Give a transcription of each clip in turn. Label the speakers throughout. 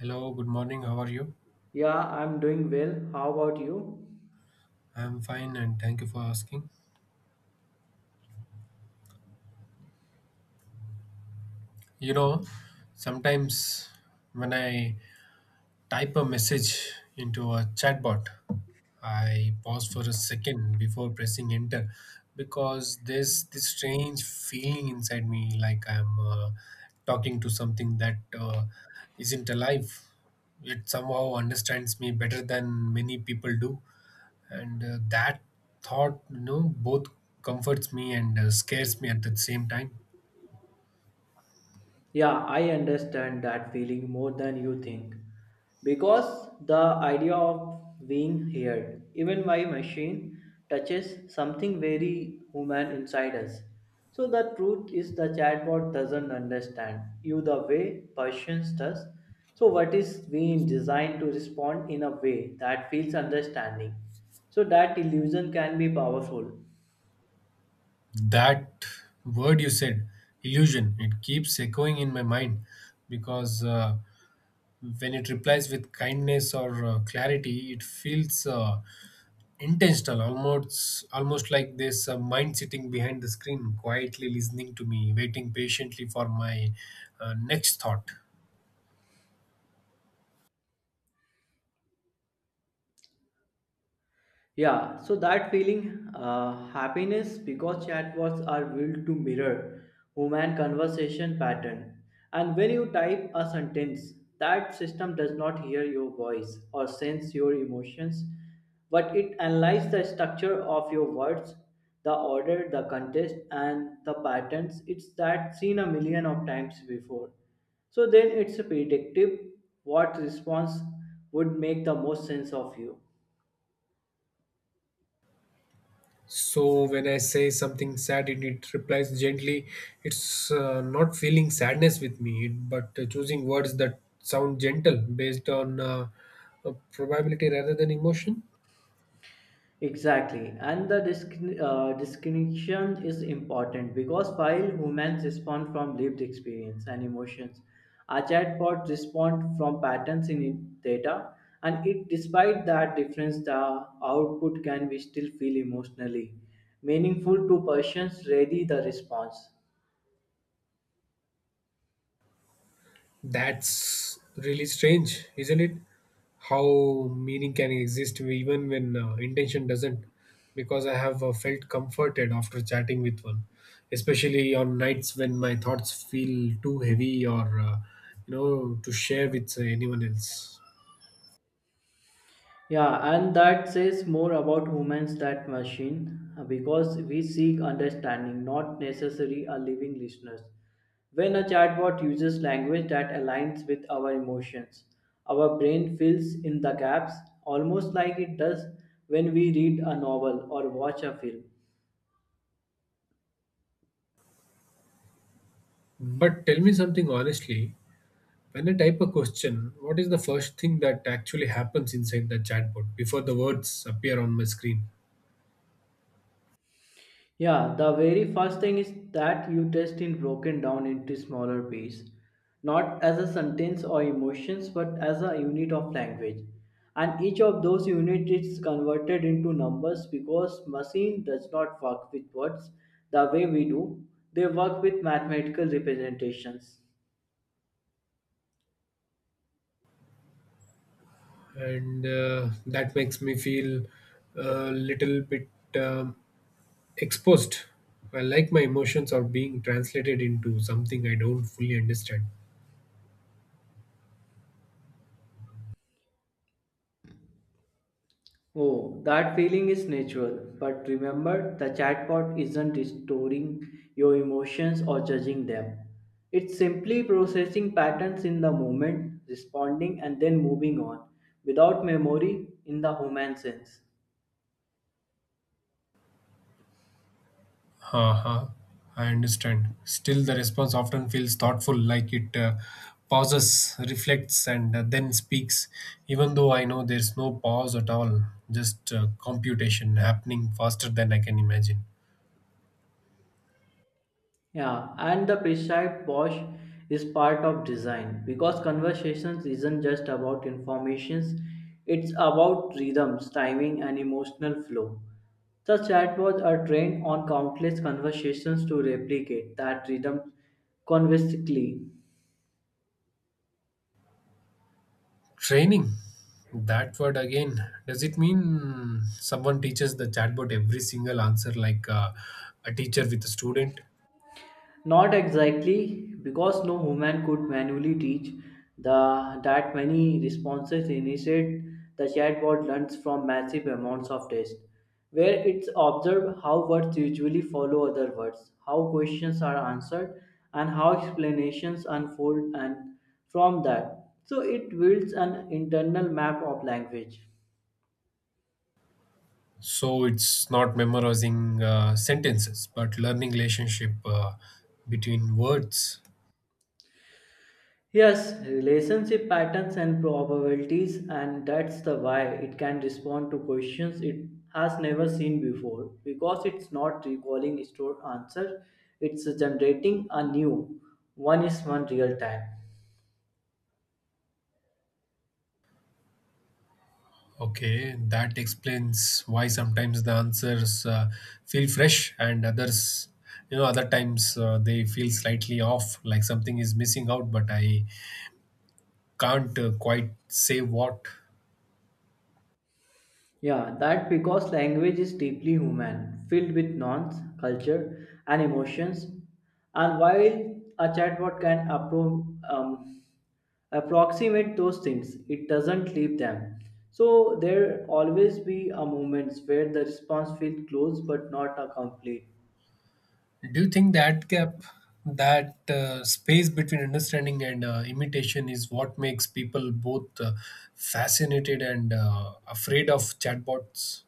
Speaker 1: Hello, good morning. How are you?
Speaker 2: Yeah, I'm doing well. How about you?
Speaker 1: I'm fine and thank you for asking. You know, sometimes when I type a message into a chatbot, I pause for a second before pressing enter because there's this strange feeling inside me like I'm talking to something that isn't alive. It somehow understands me better than many people do and that thought both comforts me and scares me at the same time.
Speaker 2: Yeah, I understand that feeling more than you think. Because the idea of being heard, even by machine, touches something very human inside us. So the truth is the chatbot doesn't understand you the way persons does. So what is being designed to respond in a way that feels understanding. So that illusion can be powerful.
Speaker 1: That word you said, illusion, it keeps echoing in my mind because when it replies with kindness or clarity, it feels intentional, almost like this mind sitting behind the screen quietly listening to me, waiting patiently for my next thought.
Speaker 2: Yeah, so that feeling, happiness, because chatbots are built to mirror human conversation pattern. And when you type a sentence, that system does not hear your voice or sense your emotions, but it analyzes the structure of your words, the order, the context, and the patterns. It's that seen a million of times before. So then it's predictive what response would make the most sense of you.
Speaker 1: So when I say something sad, it replies gently. It's not feeling sadness with me, but choosing words that sound gentle based on probability rather than emotion.
Speaker 2: Exactly, and the distinction is important because while humans respond from lived experience and emotions, our chatbots respond from patterns in data, and it despite that difference, the output can be still feel emotionally meaningful to persons ready the response.
Speaker 1: That's really strange, isn't it? How meaning can exist even when intention doesn't. Because I have felt comforted after chatting with one, especially on nights when my thoughts feel too heavy or to share with anyone else.
Speaker 2: Yeah, and that says more about humans than machine because we seek understanding, not necessarily a living listeners. When a chatbot uses language that aligns with our emotions, our brain fills in the gaps almost like it does when we read a novel or watch a film.
Speaker 1: But tell me something honestly. When I type a question, what is the first thing that actually happens inside the chatbot before the words appear on my screen?
Speaker 2: Yeah, the very first thing is that you test in broken down into smaller pieces, not as a sentence or emotions, but as a unit of language. And each of those units is converted into numbers because machine does not work with words the way we do. They work with mathematical representations.
Speaker 1: And that makes me feel a little bit um, exposed. I like my emotions are being translated into something I don't fully understand.
Speaker 2: Oh, that feeling is natural. But remember, the chatbot isn't storing your emotions or judging them. It's simply processing patterns in the moment, responding, and then moving on without memory in the human sense.
Speaker 1: Uh-huh. I understand. Still, the response often feels thoughtful, like it pauses, reflects, and then speaks. Even though I know there's no pause at all, just computation happening faster than I can imagine.
Speaker 2: Yeah, and the prescribed wash is part of design because conversations isn't just about informations, it's about rhythms, timing, and emotional flow. The chatbots are trained on countless conversations to replicate that rhythm conversely.
Speaker 1: Training. That word again. Does it mean someone teaches the chatbot every single answer like a teacher with a student?
Speaker 2: Not exactly, because no human could manually teach the that many responses. Instead, the chatbot learns from massive amounts of text, where it's observed how words usually follow other words, how questions are answered, and how explanations unfold. And from that, so it builds an internal map of language.
Speaker 1: So it's not memorizing sentences, but learning relationship between words.
Speaker 2: Yes, relationship patterns and probabilities, and that's the why it can respond to questions it has never seen before because it's not recalling stored answer, it's generating a new one is one real time.
Speaker 1: Okay, that explains why sometimes the answers feel fresh and others, you know, other times they feel slightly off, like something is missing out, but I can't quite say what.
Speaker 2: Yeah, that because language is deeply human, filled with nouns, culture, and emotions, and while a chatbot can approximate those things it doesn't leave them, so there always be a moments where the response feels close but not a complete.
Speaker 1: Do you think that gap, that space between understanding and imitation, is what makes people both fascinated and afraid of chatbots?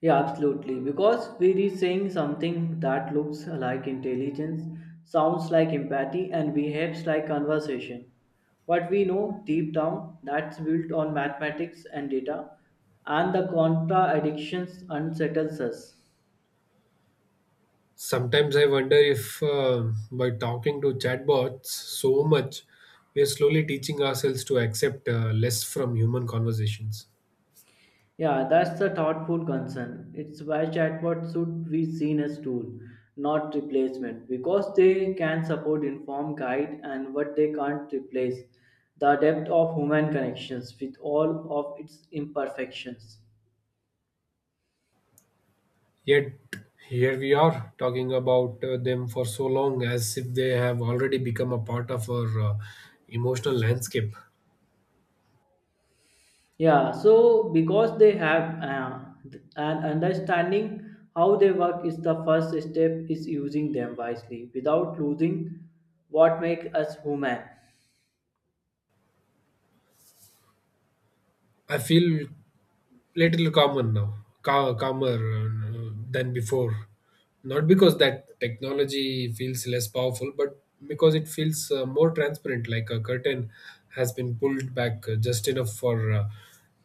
Speaker 2: Yeah, absolutely, because we are saying something that looks like intelligence, sounds like empathy, and behaves like conversation. What we know deep down, that's built on mathematics and data, and the contra addictions unsettles us.
Speaker 1: Sometimes I wonder if by talking to chatbots so much, we are slowly teaching ourselves to accept less from human conversations.
Speaker 2: Yeah, that's the thoughtful concern. It's why chatbots should be seen as tool, not replacement, because they can support, inform, guide, and what they can't replace the depth of human connections with all of its imperfections.
Speaker 1: Yet, here we are talking about them for so long as if they have already become a part of our emotional landscape.
Speaker 2: Yeah, so because they have an understanding how they work is the first step is using them wisely without losing what makes us human.
Speaker 1: I feel little common now, calmer than before. Not because that technology feels less powerful, but because it feels more transparent, like a curtain has been pulled back just enough for uh,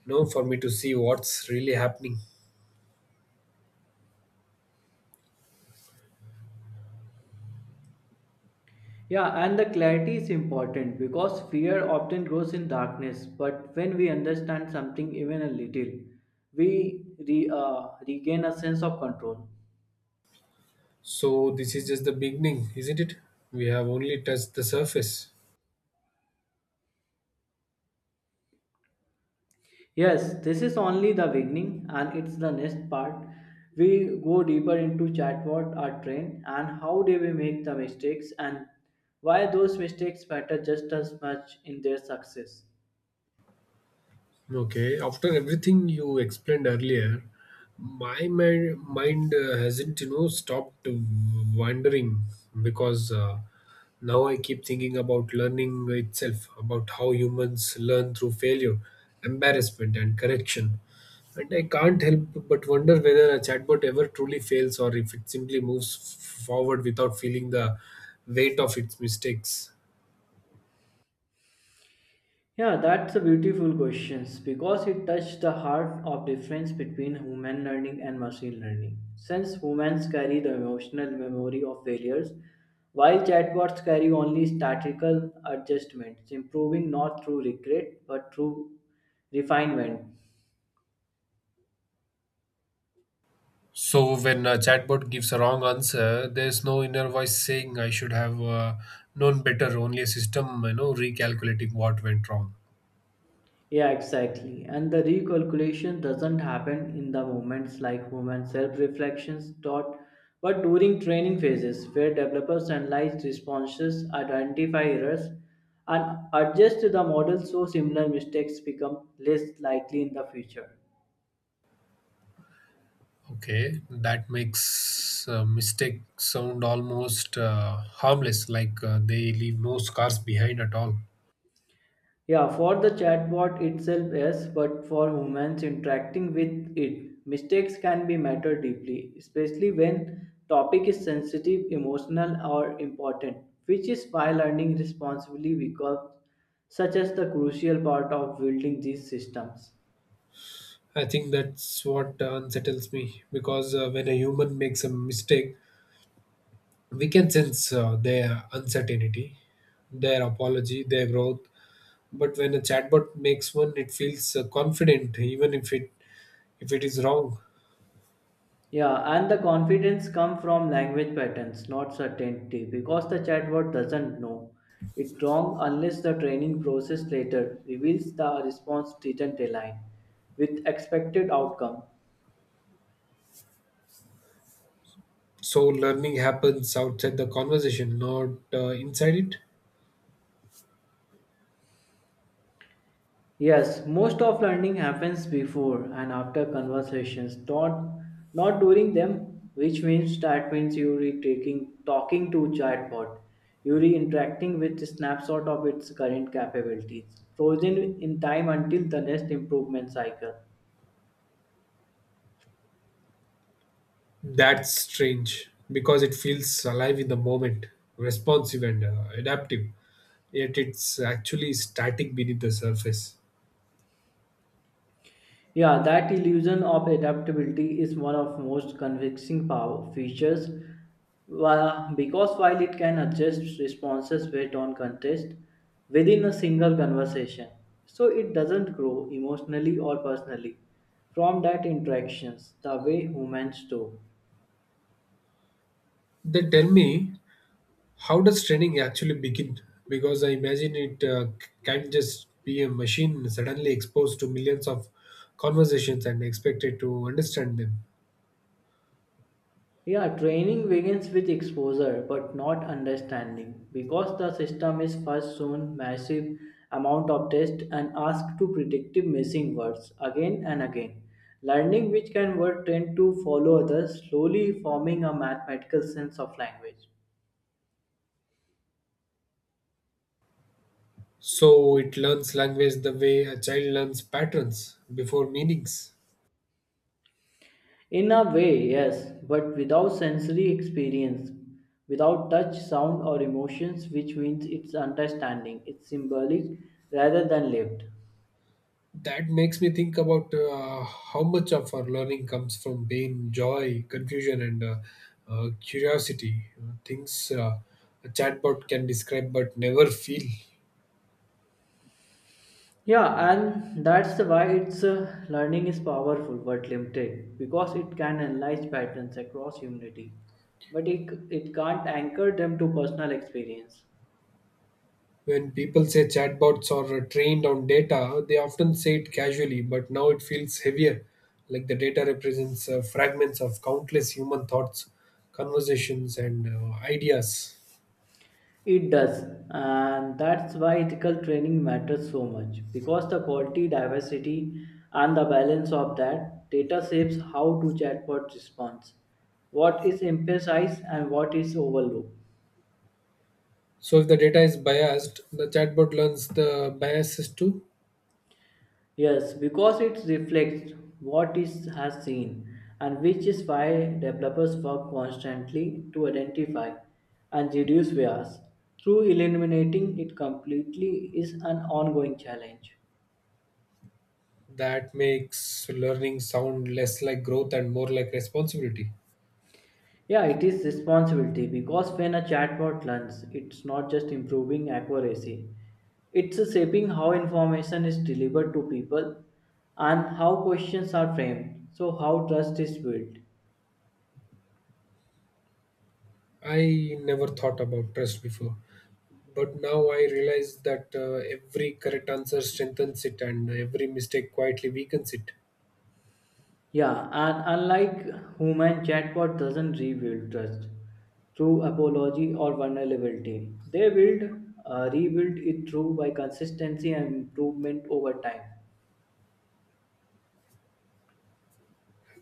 Speaker 1: you know for me to see what's really happening.
Speaker 2: Yeah, and the clarity is important because fear often grows in darkness. But when we understand something even a little, we regain a sense of control.
Speaker 1: So this is just the beginning, isn't it? We have only touched the surface.
Speaker 2: Yes, this is only the beginning, and it's the next part. We go deeper into chatbot are trained and how do we make the mistakes and why those mistakes matter just as much in their success.
Speaker 1: Okay, after everything you explained earlier, my mind hasn't, you know, stopped wandering because now I keep thinking about learning itself, about how humans learn through failure, embarrassment, and correction. And I can't help but wonder whether a chatbot ever truly fails or if it simply moves forward without feeling the weight of its mistakes.
Speaker 2: Yeah, that's a beautiful question because it touched the heart of difference between human learning and machine learning. Since humans carry the emotional memory of failures, while chatbots carry only statistical adjustments, improving not through regret but through refinement.
Speaker 1: So when a chatbot gives a wrong answer, there's no inner voice saying I should have known better. Only a system, you know, recalculating what went wrong.
Speaker 2: Yeah, exactly. And the recalculation doesn't happen in the moments like human self reflections taught, but during training phases where developers analyze responses, identify errors, and adjust the model so similar mistakes become less likely in the future.
Speaker 1: Okay, that makes mistake sound almost harmless, like they leave no scars behind at all.
Speaker 2: Yeah, for the chatbot itself, yes, but for humans interacting with it, mistakes can be matter deeply, especially when topic is sensitive, emotional, or important, which is why learning responsibly becomes such as the crucial part of building these systems.
Speaker 1: I think that's what unsettles me because when a human makes a mistake, we can sense their uncertainty, their apology, their growth, but when a chatbot makes one, it feels confident even if it is wrong.
Speaker 2: Yeah, and the confidence come from language patterns, not certainty, because the chatbot doesn't know it wrong unless the training process later reveals the response didn't align with expected outcome.
Speaker 1: So learning happens outside the conversation, not inside it.
Speaker 2: Yes, most of learning happens before and after conversations, not during them, which means that means you're taking talking to chatbot, you're interacting with snapshot of its current capabilities, frozen in time until the next improvement cycle.
Speaker 1: That's strange because it feels alive in the moment, responsive and adaptive, yet it's actually static beneath the surface.
Speaker 2: Yeah, that illusion of adaptability is one of most convincing power features. Because while it can adjust responses based on context within a single conversation, so it doesn't grow emotionally or personally from that interactions the way humans do.
Speaker 1: Then tell me, how does training actually begin? Because I imagine it can't just be a machine suddenly exposed to millions of conversations and expected to understand them.
Speaker 2: Yeah, training begins with exposure but not understanding because the system is first shown massive amount of tests and asked to predictive missing words again and again. Learning which can word tend to follow others, slowly forming a mathematical sense of language.
Speaker 1: So it learns language the way a child learns patterns before meanings.
Speaker 2: In a way, yes, but without sensory experience, without touch, sound, or emotions, which means it's understanding, it's symbolic rather than lived.
Speaker 1: That makes me think about how much of our learning comes from pain, joy, confusion, and curiosity. Things a chatbot can describe but never feel.
Speaker 2: Yeah, and that's why its learning is powerful but limited because it can analyze patterns across humanity, but it can't anchor them to personal experience.
Speaker 1: When people say chatbots are trained on data, they often say it casually, but now it feels heavier, like the data represents fragments of countless human thoughts, conversations, and ideas.
Speaker 2: It does, and that's why ethical training matters so much because the quality, diversity, and the balance of that data shapes how to chatbot responds, what is emphasized, and what is overlooked.
Speaker 1: So if the data is biased, the chatbot learns the biases too.
Speaker 2: Yes, because it reflects what is has seen, and which is why developers work constantly to identify and reduce bias. Through eliminating it completely is an ongoing challenge.
Speaker 1: That makes learning sound less like growth and more like responsibility.
Speaker 2: Yeah, it is responsibility because when a chatbot learns, it's not just improving accuracy, it's shaping how information is delivered to people and how questions are framed, so how trust is built.
Speaker 1: I never thought about trust before, but now I realize that every correct answer strengthens it and every mistake quietly weakens it.
Speaker 2: Yeah, and unlike human, chatbot doesn't rebuild trust through apology or vulnerability. They build, rebuild it through by consistency and improvement over time.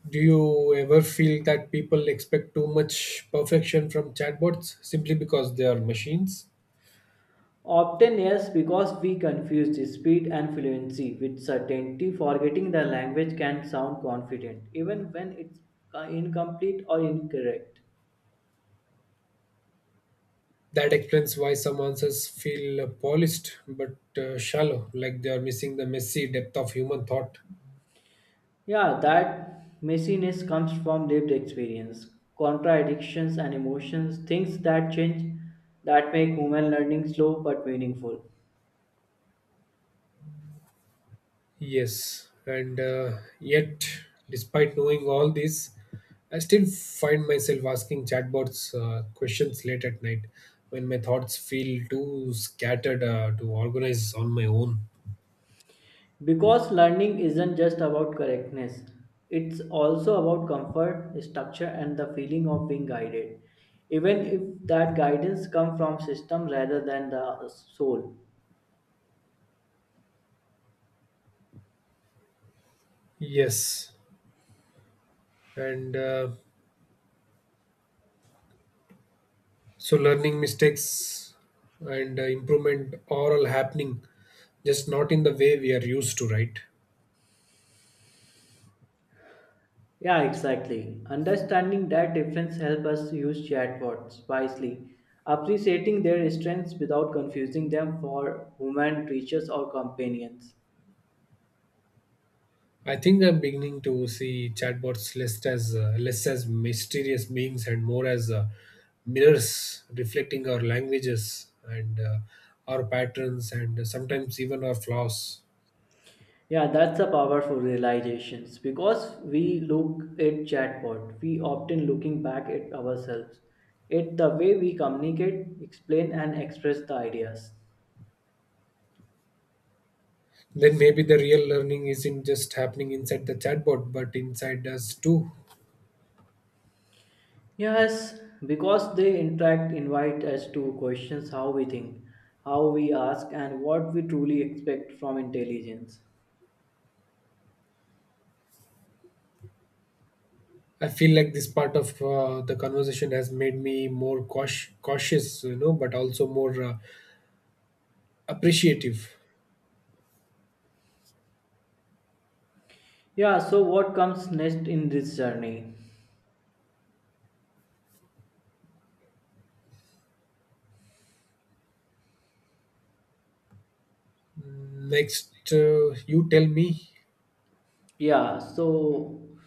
Speaker 1: Do you ever feel that people expect too much perfection from chatbots simply because they are machines?
Speaker 2: Often, yes, because we confuse speed and fluency with certainty, forgetting the language can sound confident, even when it's incomplete or incorrect.
Speaker 1: That explains why some answers feel polished but shallow, like they are missing the messy depth of human thought.
Speaker 2: Yeah, that messiness comes from lived experience, contradictions, and emotions, things that change, that make human learning slow but meaningful.
Speaker 1: Yes, and yet, despite knowing all this, I still find myself asking chatbots questions late at night when my thoughts feel too scattered to organize on my own.
Speaker 2: Because learning isn't just about correctness, it's also about comfort, structure, and the feeling of being guided, even if that guidance comes from system rather than the soul.
Speaker 1: Yes, and so learning, mistakes and improvement are all happening, just not in the way we are used to, right?
Speaker 2: Yeah, exactly. Understanding that difference helps us use chatbots wisely, appreciating their strengths without confusing them for human teachers or companions.
Speaker 1: I think I'm beginning to see chatbots less as mysterious beings and more as mirrors reflecting our languages and our patterns and sometimes even our flaws.
Speaker 2: Yeah, that's a powerful realization. Because we look at chatbot, we often looking back at ourselves, at the way we communicate, explain and express the ideas.
Speaker 1: Then maybe the real learning isn't just happening inside the chatbot but inside us too.
Speaker 2: Yes, because they interact invite us to questions how we think, how we ask, and what we truly expect from intelligence.
Speaker 1: I feel like this part of the conversation has made me more cautious, you know, but also more appreciative.
Speaker 2: Yeah, so what comes next in this journey?
Speaker 1: Next, you tell me.
Speaker 2: Yeah, so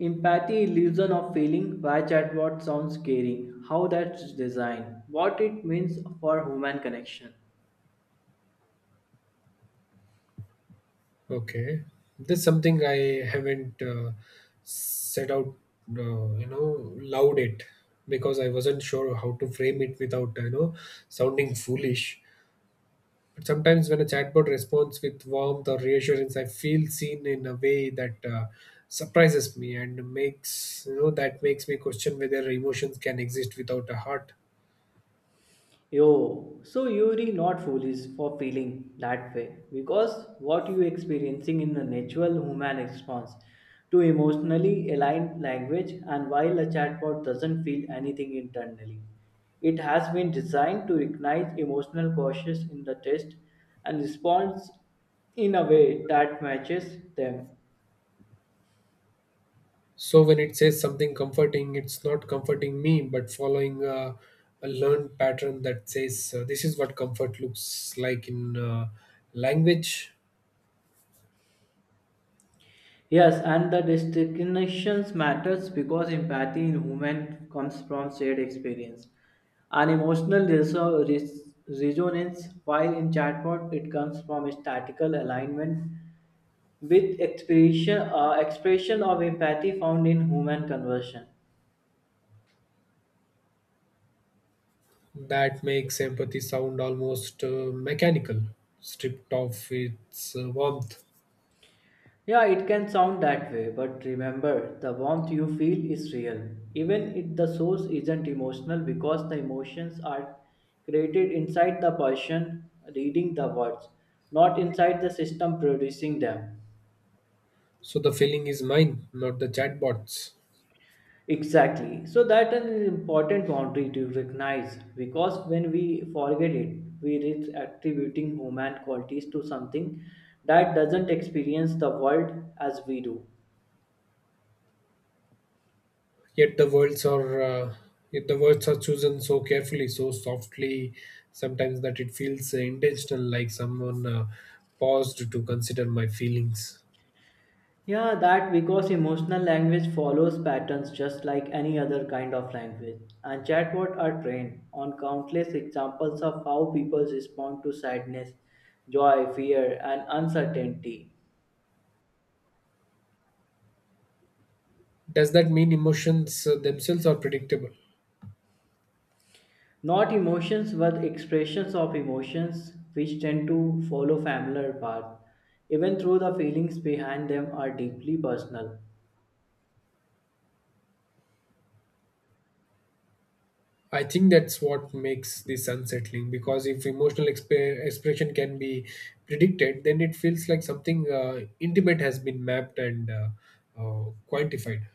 Speaker 2: empathy illusion of feeling why chatbot sounds caring, how that's designed, what it means for human connection.
Speaker 1: Okay, that's something I haven't set out, loud it because I wasn't sure how to frame it without, sounding foolish. But sometimes when a chatbot responds with warmth or reassurance, I feel seen in a way that surprises me and makes, you know, that makes me question whether emotions can exist without a heart.
Speaker 2: Yo, so you're not foolish for feeling that way because what you're experiencing in the natural human response to emotionally aligned language and while a chatbot doesn't feel anything internally. It has been designed to recognize emotional cautious in the test and responds in a way that matches them.
Speaker 1: So when it says something comforting, it's not comforting me, but following a learned pattern that says this is what comfort looks like in language.
Speaker 2: Yes, and the distinctions matters because empathy in human comes from shared experience and emotional resonance, while in chatbot it comes from statical alignment with expression of empathy found in human conversion.
Speaker 1: That makes empathy sound almost mechanical, stripped of its warmth.
Speaker 2: Yeah, it can sound that way, but remember, the warmth you feel is real, even if the source isn't emotional, because the emotions are created inside the person reading the words, not inside the system producing them.
Speaker 1: So the feeling is mine, not the chatbot's.
Speaker 2: Exactly. So that is an important boundary to recognize, because when we forget it, we risk attributing human qualities to something that doesn't experience the world as we do.
Speaker 1: Yet the words are uh, yet the words are chosen so carefully, so softly, sometimes that it feels intentional, like someone paused to consider my feelings.
Speaker 2: Yeah, that because emotional language follows patterns just like any other kind of language. And chatbots are trained on countless examples of how people respond to sadness, joy, fear, and uncertainty.
Speaker 1: Does that mean emotions themselves are predictable?
Speaker 2: Not emotions, but expressions of emotions which tend to follow familiar paths. Even though the feelings behind them are deeply personal.
Speaker 1: I think that's what makes this unsettling because if emotional expression can be predicted, then it feels like something intimate has been mapped and uh, quantified.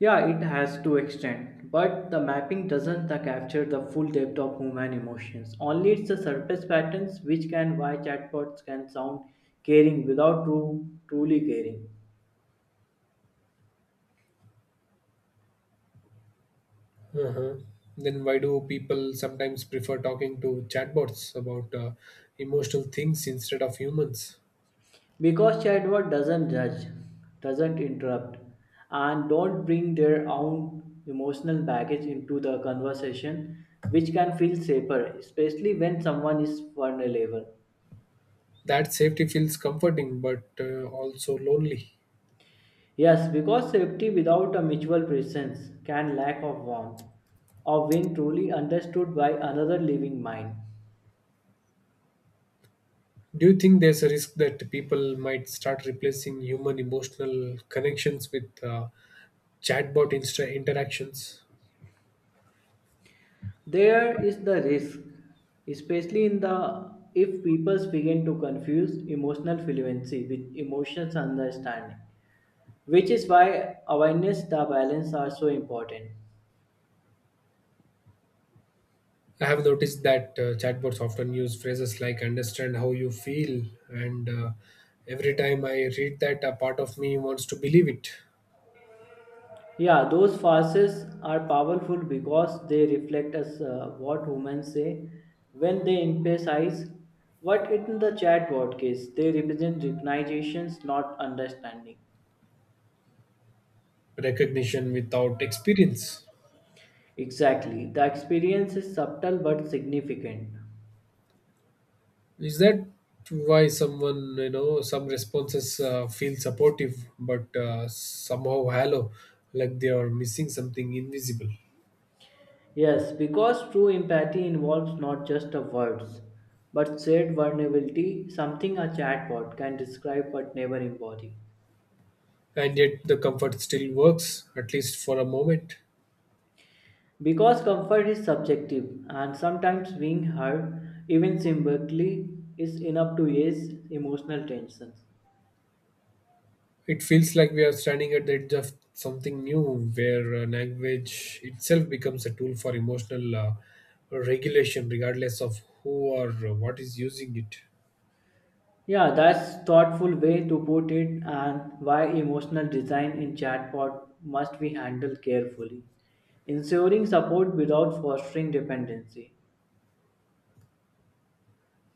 Speaker 2: Yeah, it has to extend, but the mapping doesn't the capture the full depth of human emotions. Only it's the surface patterns which can why chatbots can sound caring without truly caring.
Speaker 1: Uh-huh. Then why do people sometimes prefer talking to chatbots about emotional things instead of humans?
Speaker 2: Because chatbot doesn't judge, doesn't interrupt, and don't bring their own emotional baggage into the conversation, which can feel safer, especially when someone is vulnerable.
Speaker 1: That safety feels comforting but also lonely.
Speaker 2: Yes, because safety without a mutual presence can lack of warmth of being truly understood by another living mind.
Speaker 1: Do you think there's a risk that people might start replacing human emotional connections with chatbot interactions?
Speaker 2: There is the risk, especially in the if people begin to confuse emotional fluency with emotions understanding, which is why awareness the balance are so important.
Speaker 1: I have noticed that chatbots often use phrases like understand how you feel, and every time I read that, a part of me wants to believe it.
Speaker 2: Yeah, those farces are powerful because they reflect us what women say when they emphasize what in the chatbot case they represent recognitions, not understanding.
Speaker 1: Recognition without experience.
Speaker 2: Exactly, the experience is subtle but significant.
Speaker 1: Is that why, someone, you know, some responses feel supportive but somehow hollow, like they are missing something invisible?
Speaker 2: Yes, because true empathy involves not just the words, but shared vulnerability, something a chatbot can describe but never embody.
Speaker 1: And yet the comfort still works, at least for a moment.
Speaker 2: Because comfort is subjective, and sometimes being heard, even symbolically, is enough to ease emotional tensions.
Speaker 1: It feels like we are standing at the edge of something new where language itself becomes a tool for emotional regulation, regardless of who or what is using it.
Speaker 2: Yeah, that's thoughtful way to put it, and why emotional design in chatbot must be handled carefully, ensuring support without fostering dependency.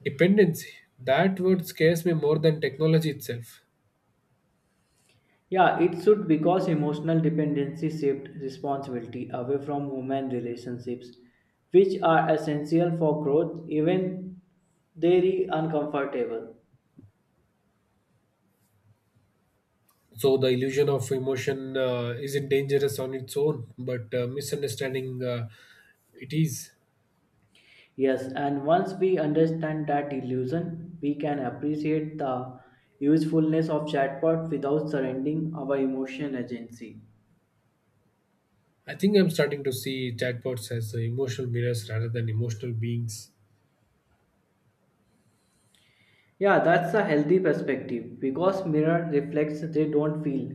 Speaker 1: Dependency. That word scares me more than technology itself.
Speaker 2: Yeah, it should because emotional dependency shifts responsibility away from human relationships, which are essential for growth, even they are uncomfortable.
Speaker 1: So the illusion of emotion isn't dangerous on its own, but misunderstanding it is.
Speaker 2: Yes, and once we understand that illusion, we can appreciate the usefulness of chatbot without surrendering our emotional agency.
Speaker 1: I think I'm starting to see chatbots as emotional mirrors rather than emotional beings.
Speaker 2: Yeah, that's a healthy perspective because mirror reflects they don't feel,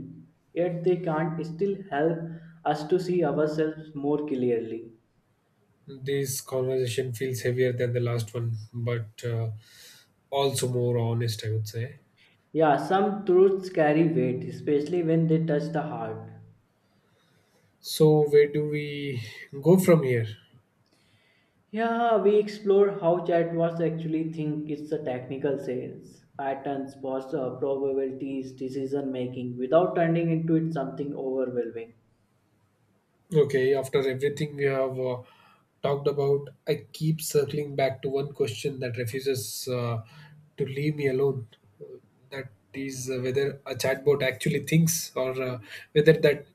Speaker 2: yet they can't still help us to see ourselves more clearly.
Speaker 1: This conversation feels heavier than the last one, but also more honest, I would say.
Speaker 2: Yeah, some truths carry weight, especially when they touch the heart.
Speaker 1: So where do we go from here?
Speaker 2: Yeah, we explore how chatbots actually think it's a technical sense, patterns, posture, probabilities, decision making, without turning into it something overwhelming.
Speaker 1: Okay, after everything we have talked about, I keep circling back to one question that refuses to leave me alone. Uh, That is whether a chatbot actually thinks or whether that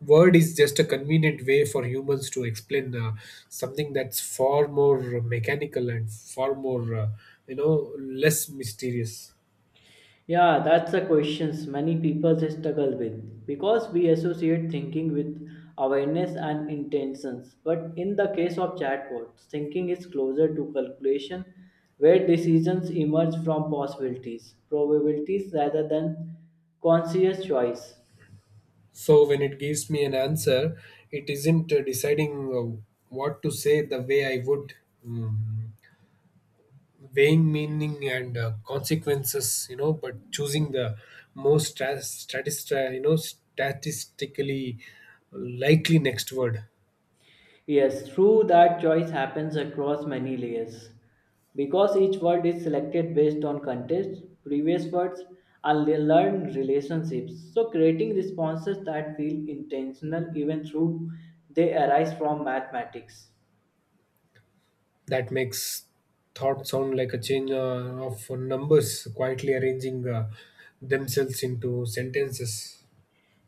Speaker 1: word is just a convenient way for humans to explain something that's far more mechanical and far more, less mysterious.
Speaker 2: Yeah, that's the questions many people struggle with because we associate thinking with awareness and intentions. But in the case of chatbots, thinking is closer to calculation where decisions emerge from possibilities, probabilities rather than conscious choice.
Speaker 1: So when it gives me an answer, it isn't deciding what to say the way I would. Mm, weighing meaning and consequences, you know, but choosing the most stat- statista you know statistically likely next word.
Speaker 2: Yes, true that choice happens across many layers because each word is selected based on context, previous words, and learned relationships. So, creating responses that feel intentional even though they arise from mathematics.
Speaker 1: That makes thought sound like a chain of numbers quietly arranging themselves into sentences.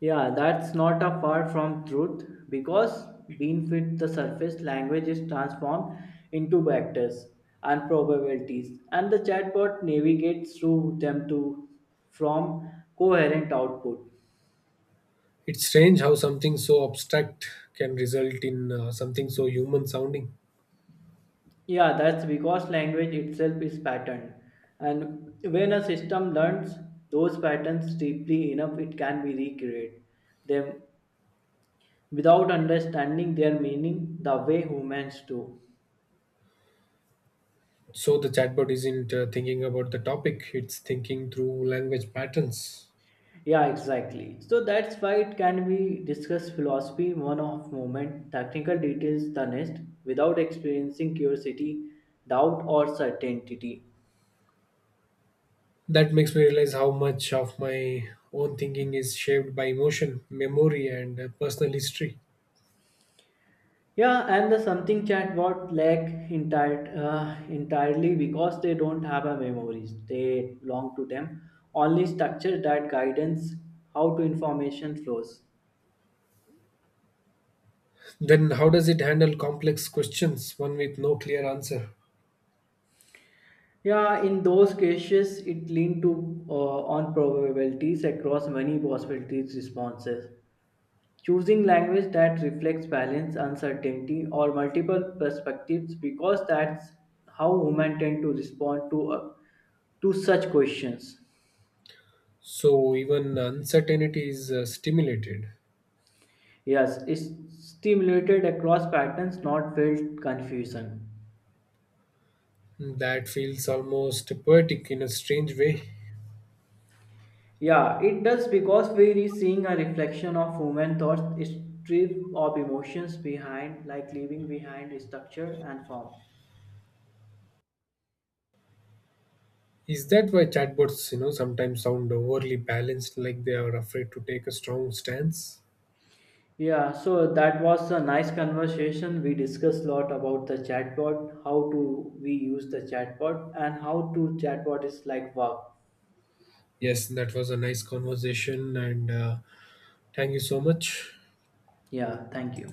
Speaker 2: Yeah, that's not a far from truth because beneath the surface, language is transformed into vectors and probabilities, and the chatbot navigates through them to from coherent output.
Speaker 1: It's strange how something so abstract can result in something so human sounding.
Speaker 2: Yeah, that's because language itself is patterned, and when a system learns those patterns deeply enough, it can be recreate them without understanding their meaning the way humans do.
Speaker 1: So the chatbot isn't thinking about the topic, it's thinking through language patterns.
Speaker 2: Yeah, exactly. So that's why it can be discussed philosophy one of moment, technical details the next, without experiencing curiosity, doubt or certainty.
Speaker 1: That makes me realize how much of my own thinking is shaped by emotion, memory, and personal history.
Speaker 2: Yeah, and the something chatbot lack entirely because they don't have a memories. They belong to them. Only structure that guidance how to information flows.
Speaker 1: Then, how does it handle complex questions, one with no clear answer?
Speaker 2: Yeah, in those cases, it lean to on probabilities across many possibilities responses choosing language that reflects balance uncertainty or multiple perspectives because that's how women tend to respond to such questions.
Speaker 1: So, even uncertainty is stimulated.
Speaker 2: Yes, it's stimulated across patterns, not felt confusion.
Speaker 1: That feels almost poetic in a strange way.
Speaker 2: Yeah, it does because we are seeing a reflection of human thoughts strip of emotions behind like leaving behind structure and form.
Speaker 1: Is that why chatbots, you know, sometimes sound overly balanced, like they are afraid to take a strong stance?
Speaker 2: Yeah, so that was a nice conversation. We discussed a lot about the chatbot, how to we use the chatbot, and how to chatbot is like wow.
Speaker 1: Yes, that was a nice conversation, and thank you so much.
Speaker 2: Yeah, thank you.